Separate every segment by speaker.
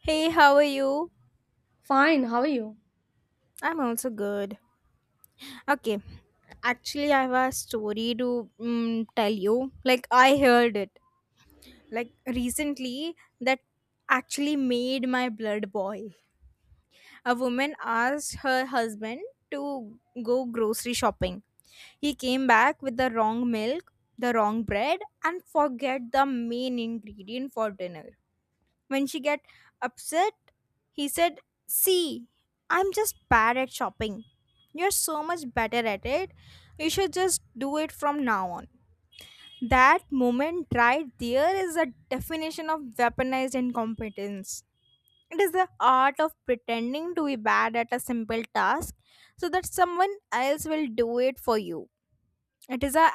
Speaker 1: Hey, how are you?
Speaker 2: Fine, how are you?
Speaker 1: I'm also good. Okay, actually, I have a story to tell you. Like, I heard it like recently that actually made my blood boil. A woman asked her husband to go grocery shopping. He came back with the wrong milk, the wrong bread, and forget the main ingredient for dinner. When she get upset, he said, "See, I'm just bad at shopping. You're so much better at it. You should just do it from now on." That moment right there is a definition of weaponized incompetence. It is the art of pretending to be bad at a simple task so that someone else will do it for you. It is a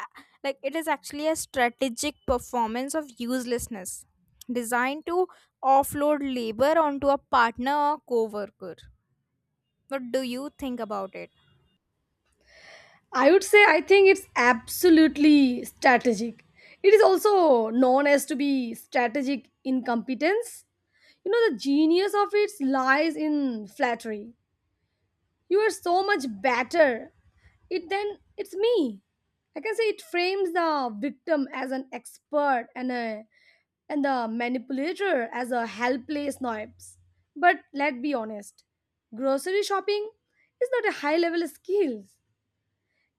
Speaker 1: it is actually a strategic performance of uselessness designed to offload labor onto a partner or coworker. What do you think about it?
Speaker 2: I would say I think it's absolutely strategic. It is also known as to be strategic incompetence. You know the genius of it lies in flattery. You are so much better it then it's me. I can say it frames the victim as an expert and the manipulator as a helpless nobs. But let's be honest, grocery shopping is not a high level skill.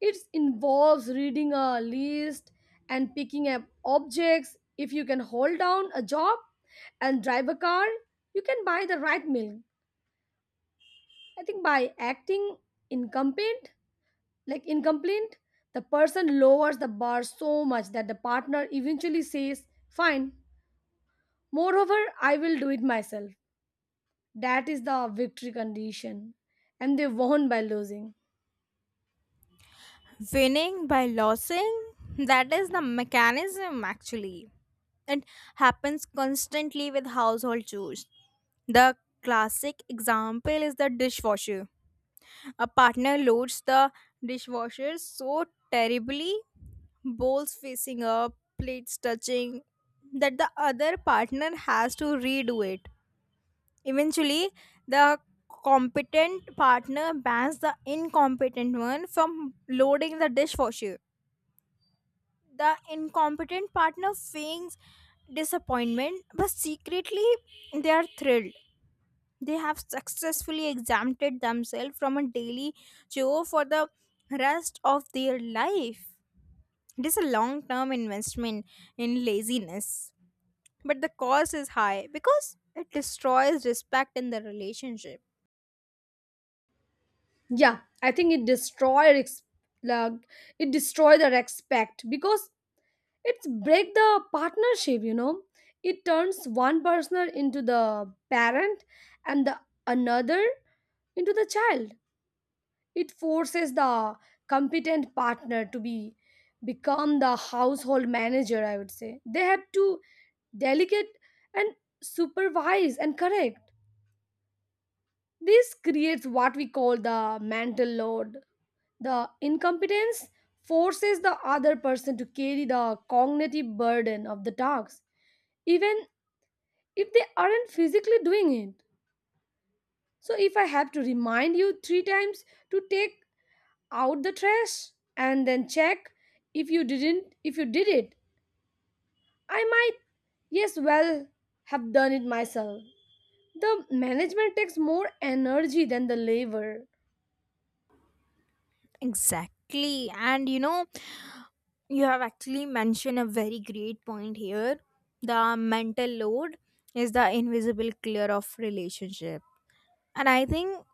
Speaker 2: It involves reading a list and picking up objects. If you can hold down a job and drive a car, you can buy the right milk. I think by acting incompetent, like incomplete, the person lowers the bar so much that the partner eventually says, Fine. Moreover, I will do it myself. That is the victory condition. And they won by losing.
Speaker 1: Winning by losing? That is the mechanism actually. It happens constantly with household chores. The classic example is the dishwasher. A partner loads the dishwasher so terribly, bowls facing up, plates touching, that the other partner has to redo it. Eventually, the competent partner bans the incompetent one from loading the dishwasher. The incompetent partner feigns disappointment, but secretly they are thrilled. They have successfully exempted themselves from a daily chore for the rest of their life. It is a long term investment in laziness, but the cost is high because it destroys respect in the relationship.
Speaker 2: Yeah, I think it destroy like it destroy the respect because it's break the partnership. It turns one person into the parent, and the another into the child. It forces the competent partner to be become the household manager. I would say they have to delegate and supervise and correct. This creates what we call the mental load. The incompetence forces the other person to carry the cognitive burden of the task, even if they aren't physically doing it. So, if I have to remind you three times to take out the trash and then check if you did it, I might, yes, well, have done it myself. The management takes more energy than the labor.
Speaker 1: Exactly, and you know, you have actually mentioned a very great point here. The mental load is the invisible clear of relationship, and I think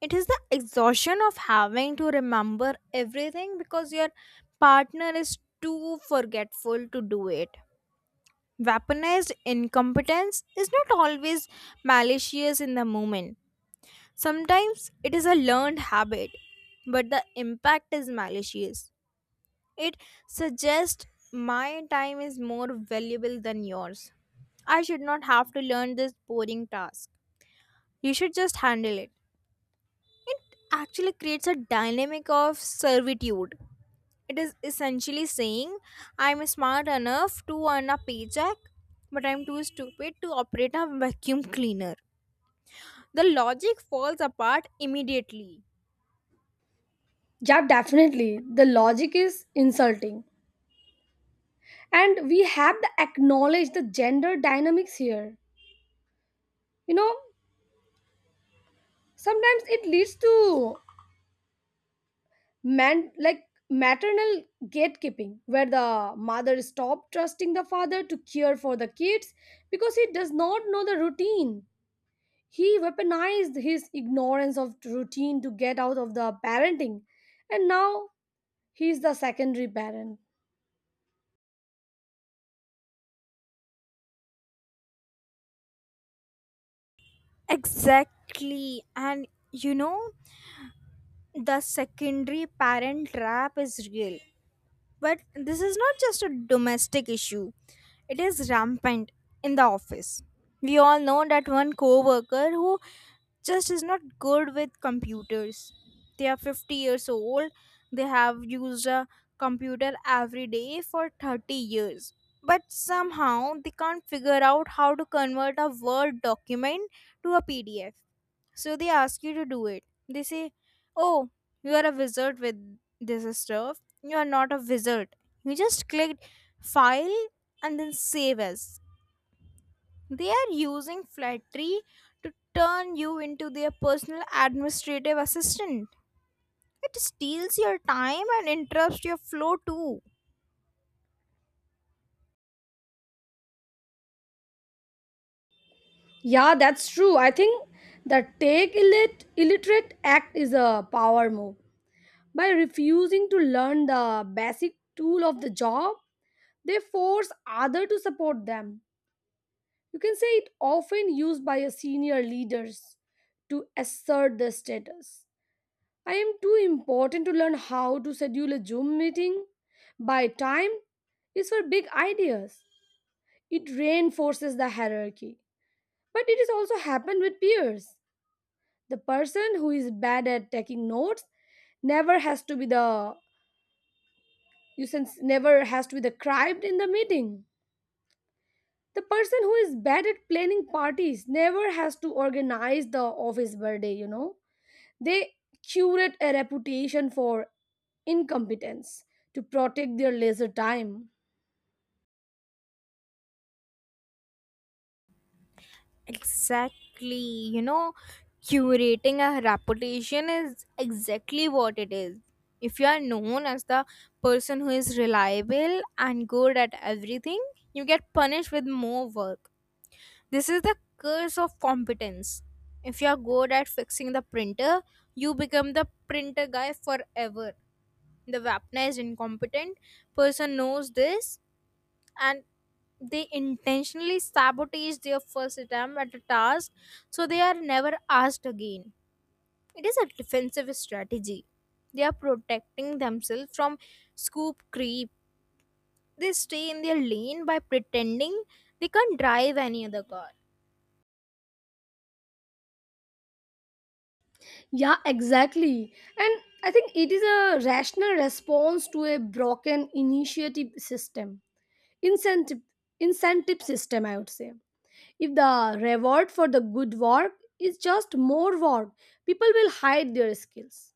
Speaker 1: it is the exhaustion of having to remember everything because your partner is too forgetful to do it. Weaponized incompetence is not always malicious in the moment. Sometimes it is a learned habit, but the impact is malicious. It suggests my time is more valuable than yours. I should not have to learn this boring task. You should just handle it. It actually creates a dynamic of servitude. It is essentially saying, I'm smart enough to earn a paycheck, but I'm too stupid to operate a vacuum cleaner. The logic falls apart immediately.
Speaker 2: Yeah, definitely. The logic is insulting, and we have to acknowledge the gender dynamics here. You know sometimes it leads to man like maternal gatekeeping where the mother stops trusting the father to care for the kids because he does not know the routine. He weaponized his ignorance of routine to get out of the parenting, and now he's the secondary parent.
Speaker 1: Exactly. And you know, the secondary parent trap is real. But this is not just a domestic issue, it is rampant in the office. We all know that one coworker who just is not good with computers. They are 50 years old. They have used a computer every day for 30 years. But somehow they can't figure out how to convert a Word document to a PDF. So they ask you to do it. They say, "Oh, you are a wizard with this stuff." You are not a wizard. You just clicked file and then save as. They are using flattery to turn you into their personal administrative assistant. It steals your time and interrupts your flow too.
Speaker 2: Yeah, that's true. I think the take illiterate act is a power move. By refusing to learn the basic tool of the job, they force others to support them. You can say it often used by your senior leaders to assert their status. I am too important to learn how to schedule a Zoom meeting. By time is for big ideas. It reinforces the hierarchy. But it is also happened with peers. The person who is bad at taking notes never has to be the Nuisance never has to be decried in the meeting. The person who is bad at planning parties never has to organize the office birthday. They curate a reputation for incompetence to protect their leisure time.
Speaker 1: Exactly. You know, curating a reputation is exactly what it is. If you are known as the person who is reliable and good at everything, you get punished with more work. This is the curse of competence. If you're good at fixing the printer, you become the printer guy forever. The Vapna is incompetent person knows this, and they intentionally sabotage their first attempt at a task so they are never asked again. It is a defensive strategy. They are protecting themselves from scoop creep. They stay in their lane by pretending they can't drive any other car.
Speaker 2: Yeah, exactly. And I think it is a rational response to a broken initiative system, incentive incentive system, I would say. If the reward for the good work is just more work, people will hide their skills.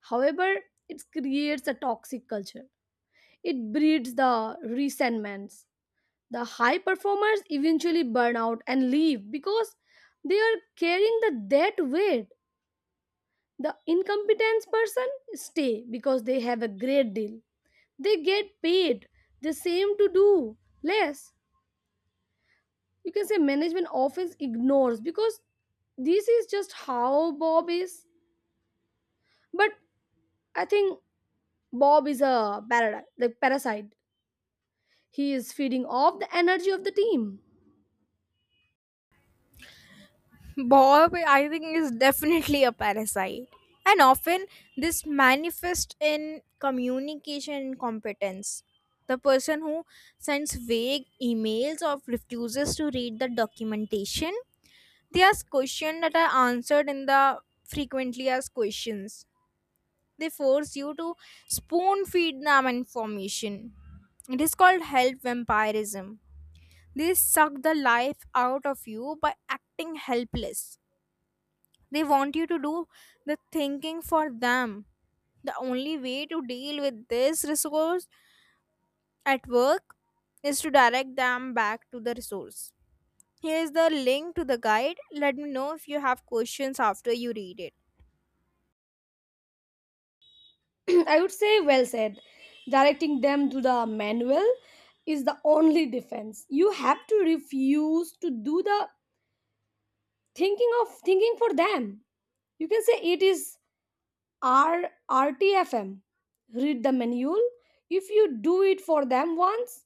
Speaker 2: However, it creates a toxic culture. It breeds the resentments. The high performers eventually burn out and leave because they are carrying the debt weight. The incompetence person stay because they have a great deal. They get paid the same to do less. You can say management often ignores because this is just how Bob is. But I think Bob is a parasite, like parasite. He is feeding off the energy of the team.
Speaker 1: Bob, I think, is definitely a parasite. And often this manifests in communication incompetence. The person who sends vague emails or refuses to read the documentation, they ask questions that are answered in the frequently asked questions. They force you to spoon feed them information. It is called health vampirism. They suck the life out of you by acting helpless. They want you to do the thinking for them. The only way to deal with this resource at work is to direct them back to the resource. Here is the link to the guide. Let me know if you have questions after you read it.
Speaker 2: I would say well said. Directing them to the manual is the only defense. You have to refuse to do the thinking of thinking for them. You can say it is R RTFM. Read the manual. If you do it for them once,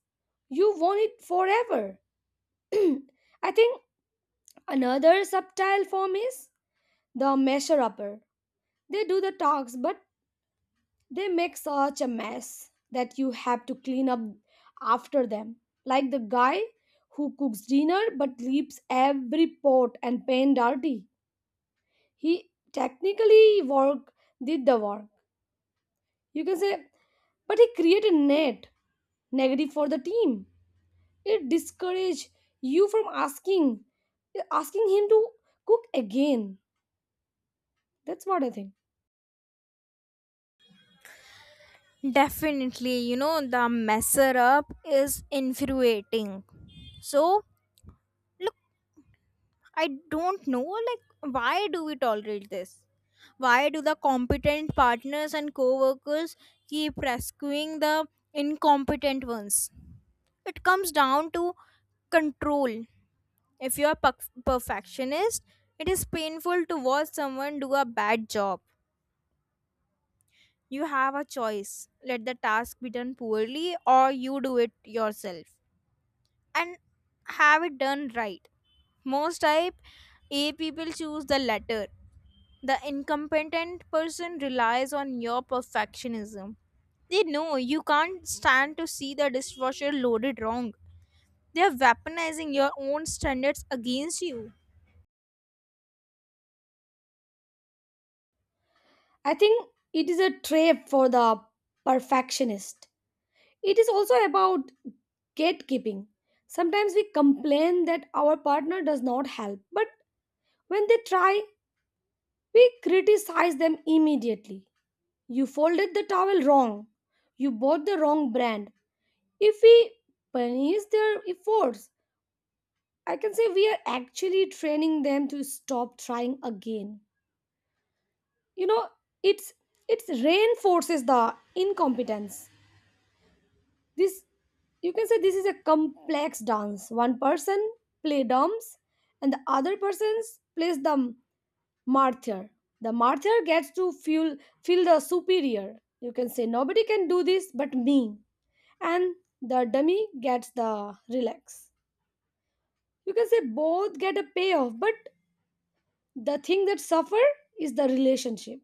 Speaker 2: you want it forever. I think another subtle form is the measure upper. They do the talks, but they make such a mess that you have to clean up after them. Like the guy who cooks dinner but leaves every pot and pan dirty. He technically work did the work. You can say, but he created net negative for the team. It discourages you from asking him to cook again. That's what I think.
Speaker 1: Definitely, you know, the messer up is infuriating. So, I don't know, like, why do we tolerate this? Why do the competent partners and co workers keep rescuing the incompetent ones? It comes down to control. If you are perfectionist, it is painful to watch someone do a bad job. You have a choice: let the task be done poorly, or you do it yourself and have it done right. Most type A people choose the latter. The incompetent person relies on your perfectionism. They know you can't stand to see the dishwasher loaded wrong. They are weaponizing your own standards against you.
Speaker 2: I think it is a trap for the perfectionist. It is also about gatekeeping. Sometimes we complain that our partner does not help, but when they try, we criticize them immediately. You folded the towel wrong. You bought the wrong brand. If we punish their efforts, I can say we are actually training them to stop trying again. You know, it's it's reinforces the incompetence. This you can say this is a complex dance. One person play drums and the other person plays the martyr. The martyr gets to feel the superior. You can say nobody can do this but me. And the dummy gets the relax. You can say both get a payoff, but the thing that suffer is the relationship.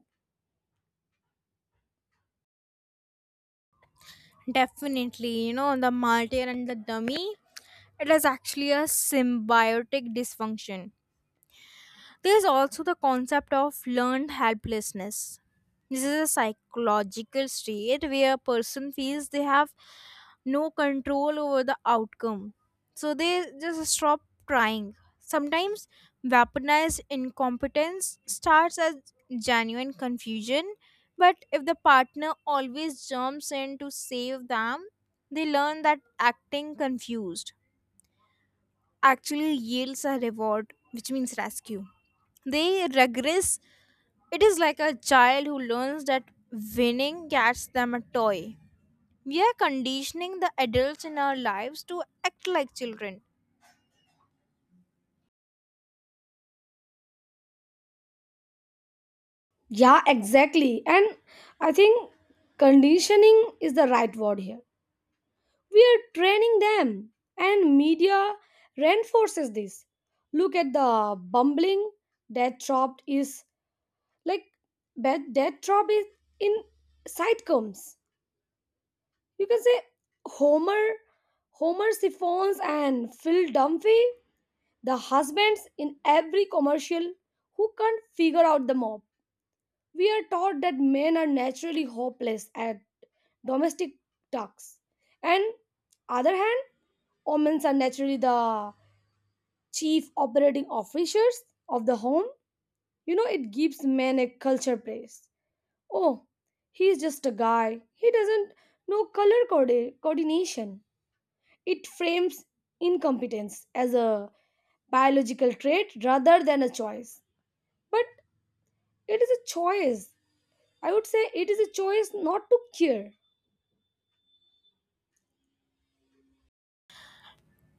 Speaker 1: Definitely, you know, the martyr and the dummy, it is actually a symbiotic dysfunction. There's also the concept of learned helplessness. This is a psychological state where a person feels they have no control over the outcome. So they just stop trying. Sometimes weaponized incompetence starts as genuine confusion, but if the partner always jumps in to save them, they learn that acting confused actually yields a reward, which means rescue. They regress. It is like a child who learns that winning gets them a toy. We are conditioning the adults in our lives to act like children.
Speaker 2: Yeah, exactly. And I think conditioning is the right word here. We are training them, and media reinforces this. Look at the bumbling that dropped is like that drop is in sitcoms. You can say homer homer Siphons and Phil Dunphy, the husbands in every commercial who can't figure out the mob. We are taught that men are naturally hopeless at domestic tasks, and other hand, women are naturally the chief operating officers of the home. It gives men a culture place. Oh, he's just a guy. He doesn't know color coordination. It frames incompetence as a biological trait rather than a choice. But it is a choice. I would say it is a choice not to care.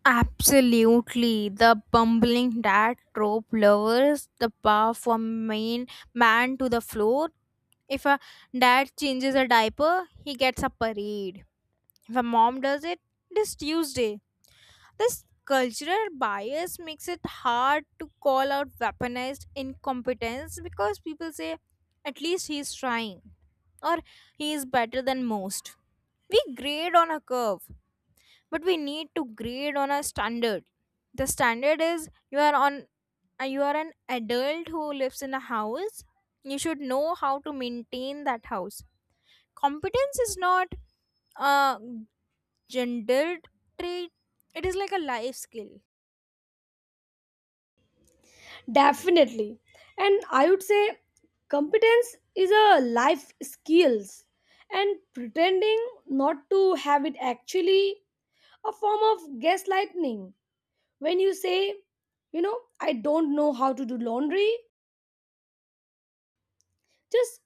Speaker 1: Absolutely. The bumbling dad trope lowers the bar from main man to the floor. If a dad changes a diaper, he gets a parade. If a mom does it, it is Tuesday. This cultural bias makes it hard to call out weaponized incompetence because people say, at least he's trying, or he is better than most. We grade on a curve, but we need to grade on a standard. The standard is you are an adult who lives in a house. You should know how to maintain that house. Competence is not a gendered trait. It is like a life skill.
Speaker 2: Definitely. And I would say competence is a life skills and pretending not to have it actually a form of gaslighting. When you say, I don't know how to do laundry, just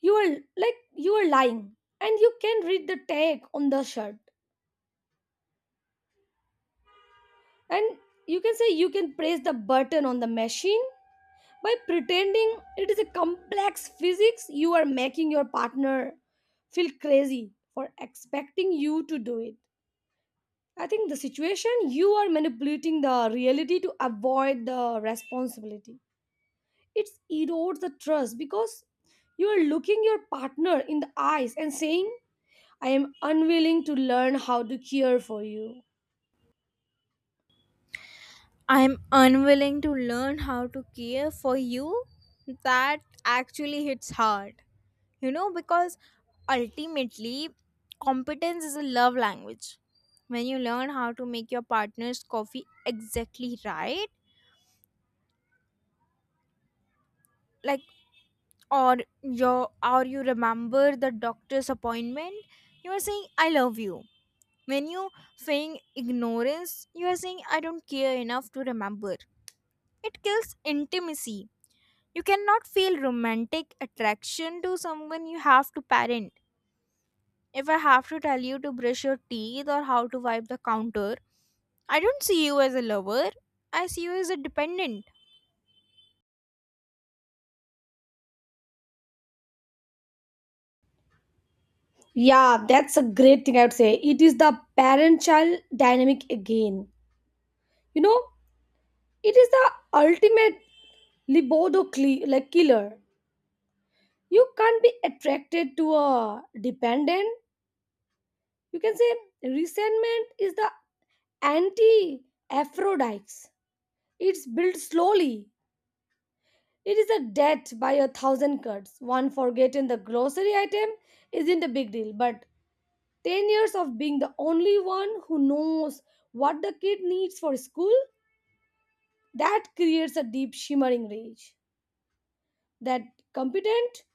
Speaker 2: you are lying, and you can read the tag on the shirt, and you can say you can press the button on the machine. By pretending it is a complex physics, you are making your partner feel crazy for expecting you to do it. I think the situation you are manipulating the reality to avoid the responsibility. It erodes the trust because you are looking your partner in the eyes and saying, I am unwilling to learn how to care for you.
Speaker 1: I'm unwilling to learn how to care for you, that actually hits hard. You know, because ultimately, competence is a love language. When you learn how to make your partner's coffee exactly right, like or or you remember the doctor's appointment, you are saying I love you. When you feign ignorance, you are saying I don't care enough to remember. It kills intimacy. You cannot feel romantic attraction to someone you have to parent. If I have to tell you to brush your teeth or how to wipe the counter, I don't see you as a lover. I see you as a dependent.
Speaker 2: Yeah, that's a great thing I would say. It is the parent child dynamic again. You know, It is the ultimate libido like killer. You can't be attracted to a dependent. You can say resentment is the anti Aphrodite. It's built slowly. It is a death by a thousand cuts. One forgetting the grocery item isn't a big deal, but 10 years of being the only one who knows what the kid needs for school, that creates a deep shimmering rage. That competent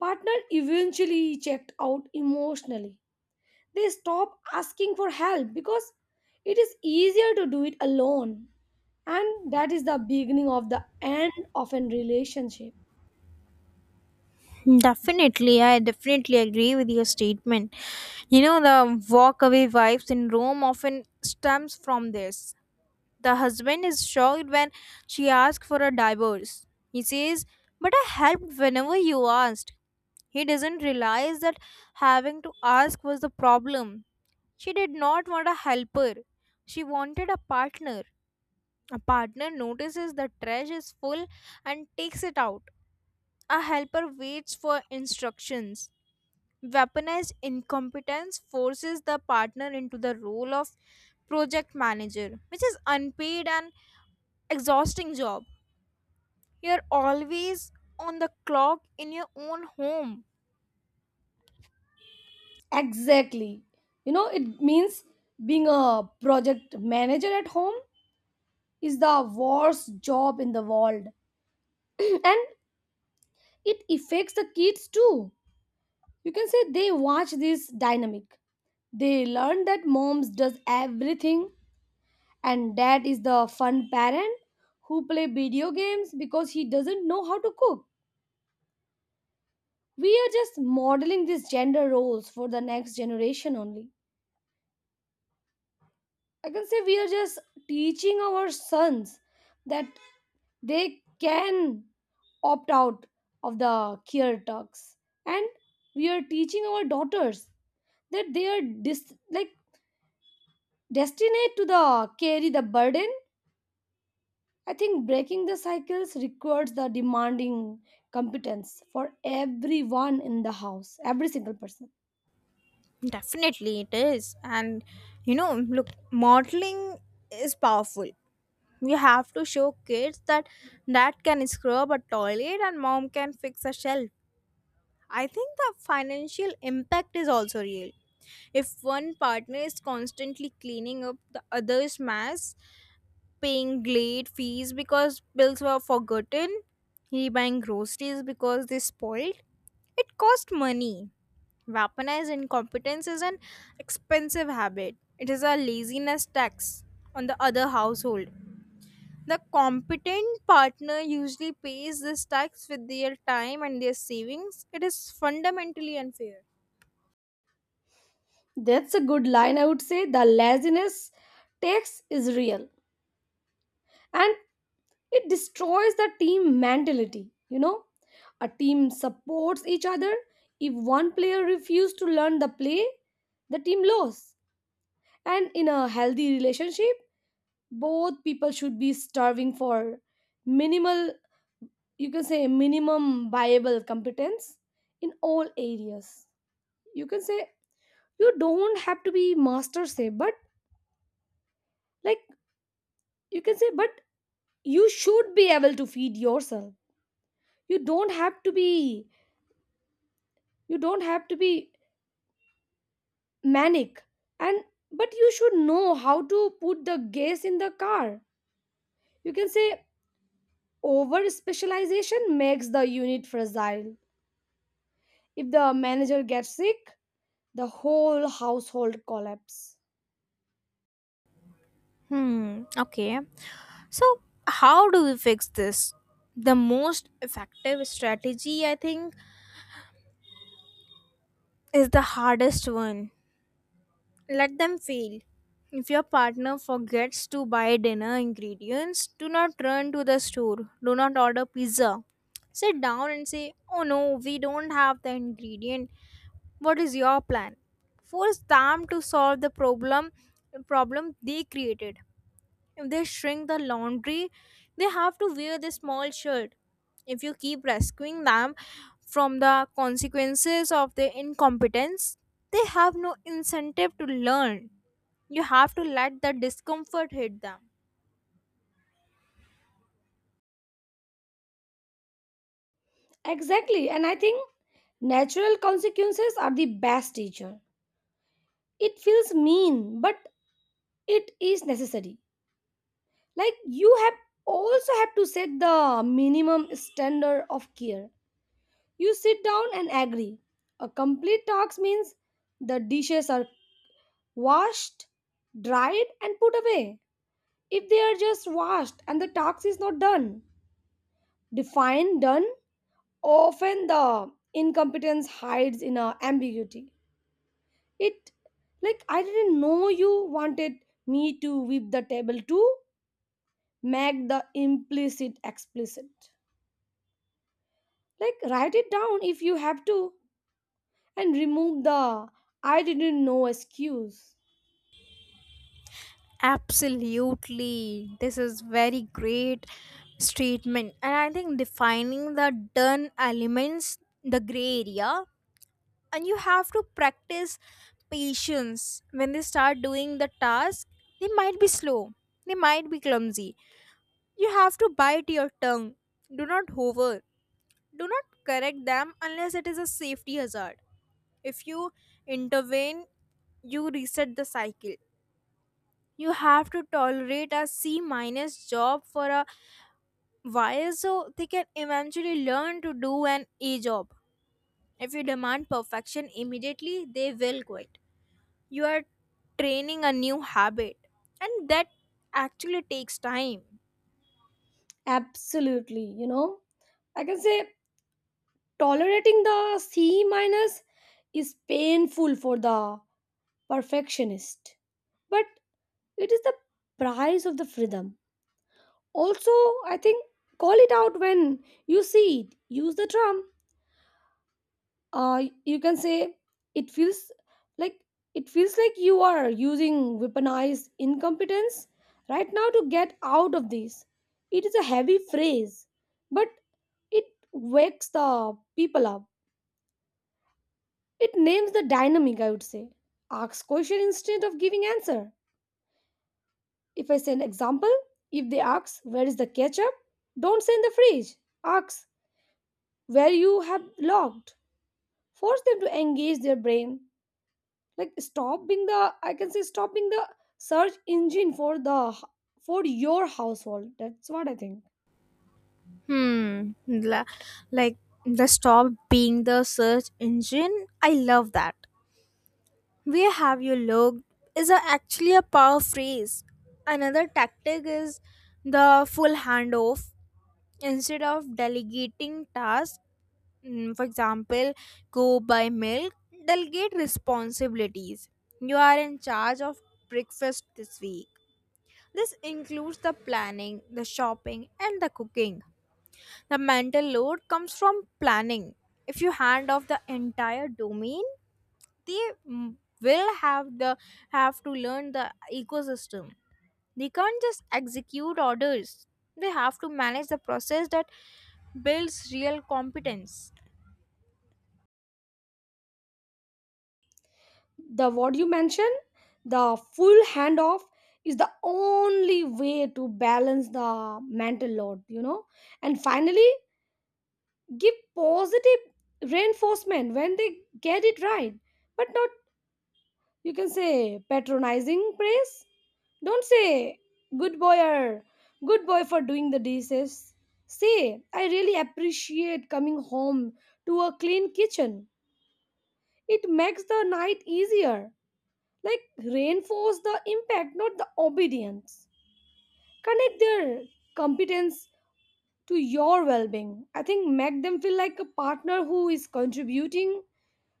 Speaker 2: partner eventually checked out emotionally. They stop asking for help because it is easier to do it alone. And that is the beginning of the end of a relationship.
Speaker 1: Definitely, I definitely agree with your statement. You know, the walk away vibe syndrome often stems from this. The husband is shocked when she asks for a divorce. He says, But I helped whenever you asked. He doesn't realize that having to ask was the problem. She did not want a helper. She wanted a partner. A partner notices the trash is full and takes it out. A helper waits for instructions. Weaponized incompetence forces the partner into the role of project manager, which is unpaid and exhausting job. You're always on the clock in your own home.
Speaker 2: Exactly. It means being a project manager at home is the worst job in the world. And it affects the kids too. You can say they watch this dynamic. They learn that moms does everything, and dad is the fun parent who play video games because he doesn't know how to cook. We are just modeling these gender roles for the next generation only. I can say we are just teaching our sons that they can opt out of the care talks, and we are teaching our daughters that they are like destined to the carry the burden. I think breaking the cycles requires the demanding competence for everyone in the house, every single person.
Speaker 1: Definitely, it is. And you know, look, modeling is powerful. You have to show kids that dad can scrub a toilet and mom can fix a shelf. I think the financial impact is also real. If one partner is constantly cleaning up the other's mess, paying late fees because bills were forgotten, rebuying groceries because they spoiled. It cost money. Weaponized incompetence is an expensive habit. It is a laziness tax on the other household. The competent partner usually pays this tax with their time and their savings. It is fundamentally unfair.
Speaker 2: That's a good line, I would say. The laziness takes is real, and it destroys the team mentality. A team supports each other. If one player refuses to learn the play, the team loses. And in a healthy relationship, both people should be starving for minimal you can say minimum viable competence in all areas. You can say you don't have to be master, say, but like you can say, but you should be able to feed yourself. You don't have to be you don't have to be manic, and but you should know how to put the gas in the car. You can say over specialization makes the unit fragile. If the manager gets sick, the whole household collapse.
Speaker 1: Hmm, okay. So, how do we fix this? The most effective strategy, I think, is the hardest one. Let them fail. If your partner forgets to buy dinner ingredients, do not run to the store. Do not order pizza. Sit down and say, Oh no, we don't have the ingredient. What is your plan? Force them to solve the problem they created. If they shrink the laundry, they have to wear the small shirt. If you keep rescuing them from the consequences of their incompetence, they have no incentive to learn. You have to let the discomfort hit them.
Speaker 2: Exactly, and I think natural consequences are the best teacher. It feels mean, but it is necessary. Like you have also have to set the minimum standard of care. You sit down and agree. A complete task means the dishes are washed, dried, and put away. If they are just washed and the task is not done, define done. Often the incompetence hides in a ambiguity. It like I didn't know you wanted me to whip the table to make the implicit explicit. Like write it down if you have to, and remove the I didn't know excuse.
Speaker 1: Absolutely. This is very great statement. And I think defining the done elements, the gray area, and you have to practice patience when they start doing the task. They might be slow, they might be clumsy. You have to bite your tongue. Do not hover. Do not correct them unless it is a safety hazard. If you intervene, you reset the cycle. You have to tolerate a C minus job for a while so they can eventually learn to do an A job. If you demand perfection immediately, they will quit. You are training a new habit, and that actually takes time.
Speaker 2: Absolutely. I can say tolerating the C minus is painful for the perfectionist, but it is the price of the freedom. Also, I think call it out when you see it. Use the term you can say it feels like it feels like you are using weaponized incompetence right now to get out of this. It is a heavy phrase, but it wakes the people up. It names the dynamic, I would say. Asks question instead of giving answer. If I say an example, if they ask where is the ketchup, don't say in the fridge. Ask where you have logged. Force them to engage their brain. Like stopping the I can say stopping the search engine for your household. That's what I think.
Speaker 1: hmm la- like the stop being the search engine, I love that. Where have you looked is actually a power phrase. Another tactic is the full handoff. Instead of delegating tasks, for example, go buy milk, delegate responsibilities. You are in charge of breakfast this week. This includes the planning, the shopping, and the cooking. The mental load comes from planning. If you hand off the entire domain, they mm, will have the have to learn the ecosystem. They can't just execute orders. They have to manage the process that builds real competence.
Speaker 2: The what you mentioned, the full handoff is the only way to balance the mental load. And finally give positive reinforcement when they get it right, but not, you can say, patronizing praise. Don't say, good boy, or good boy for doing the dishes. Say, I really appreciate coming home to a clean kitchen. It makes the night easier. Like, reinforce the impact, not the obedience. Connect their competence to your well being. I think make them feel like a partner who is contributing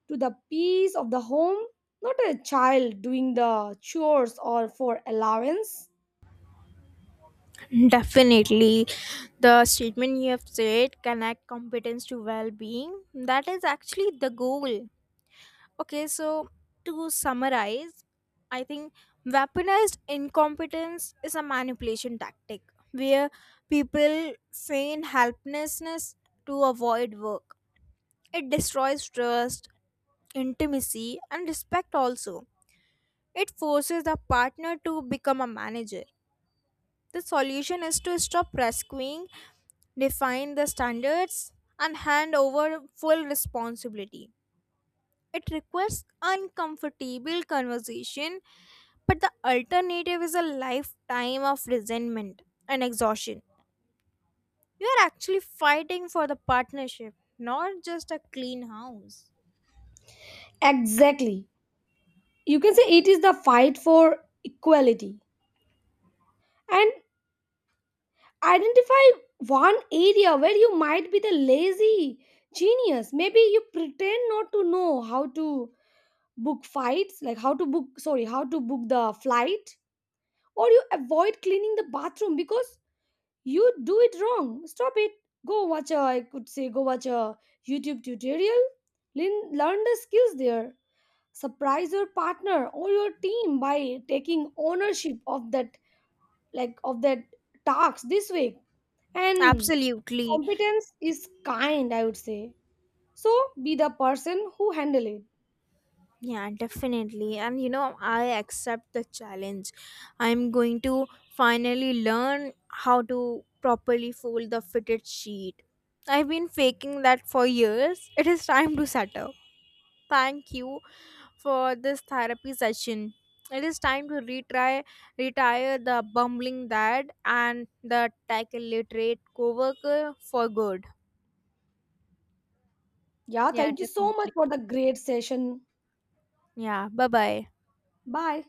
Speaker 2: to the peace of the home, not a child doing the chores or for allowance.
Speaker 1: Definitely, the statement you have said connect competence to well-being. That is actually the goal. Okay, so to summarize, I think weaponized incompetence is a manipulation tactic where people feign helplessness to avoid work. It destroys trust, intimacy, and respect also. It forces the partner to become a manager. The solution is to stop rescuing, define the standards, and hand over full responsibility. It requires uncomfortable conversation, but the alternative is a lifetime of resentment and exhaustion. You are actually fighting for the partnership, not just a clean house.
Speaker 2: Exactly, you can say it is the fight for equality. And identify one area where you might be the lazy genius. Maybe you pretend not to know how to book fights like how to book sorry how to book the flight, or you avoid cleaning the bathroom because you do it wrong. Stop it. Go watch a I could say go watch a YouTube tutorial. Learn the skills there. Surprise your partner or your team by taking ownership of that tasks this week. And
Speaker 1: Absolutely.
Speaker 2: competence is kind, I would say. So be the person who handle it.
Speaker 1: Yeah, definitely. And you know, I accept the challenge. I'm going to finally learn how to properly fold the fitted sheet. I've been faking that for years. It is time to settle. Thank you for this therapy session. It is time to retire the bumbling dad and the tech illiterate coworker for good.
Speaker 2: Yeah,
Speaker 1: Yeah,
Speaker 2: thank you so much
Speaker 1: definitely.
Speaker 2: for the great session.
Speaker 1: Yeah, bye bye.
Speaker 2: Bye.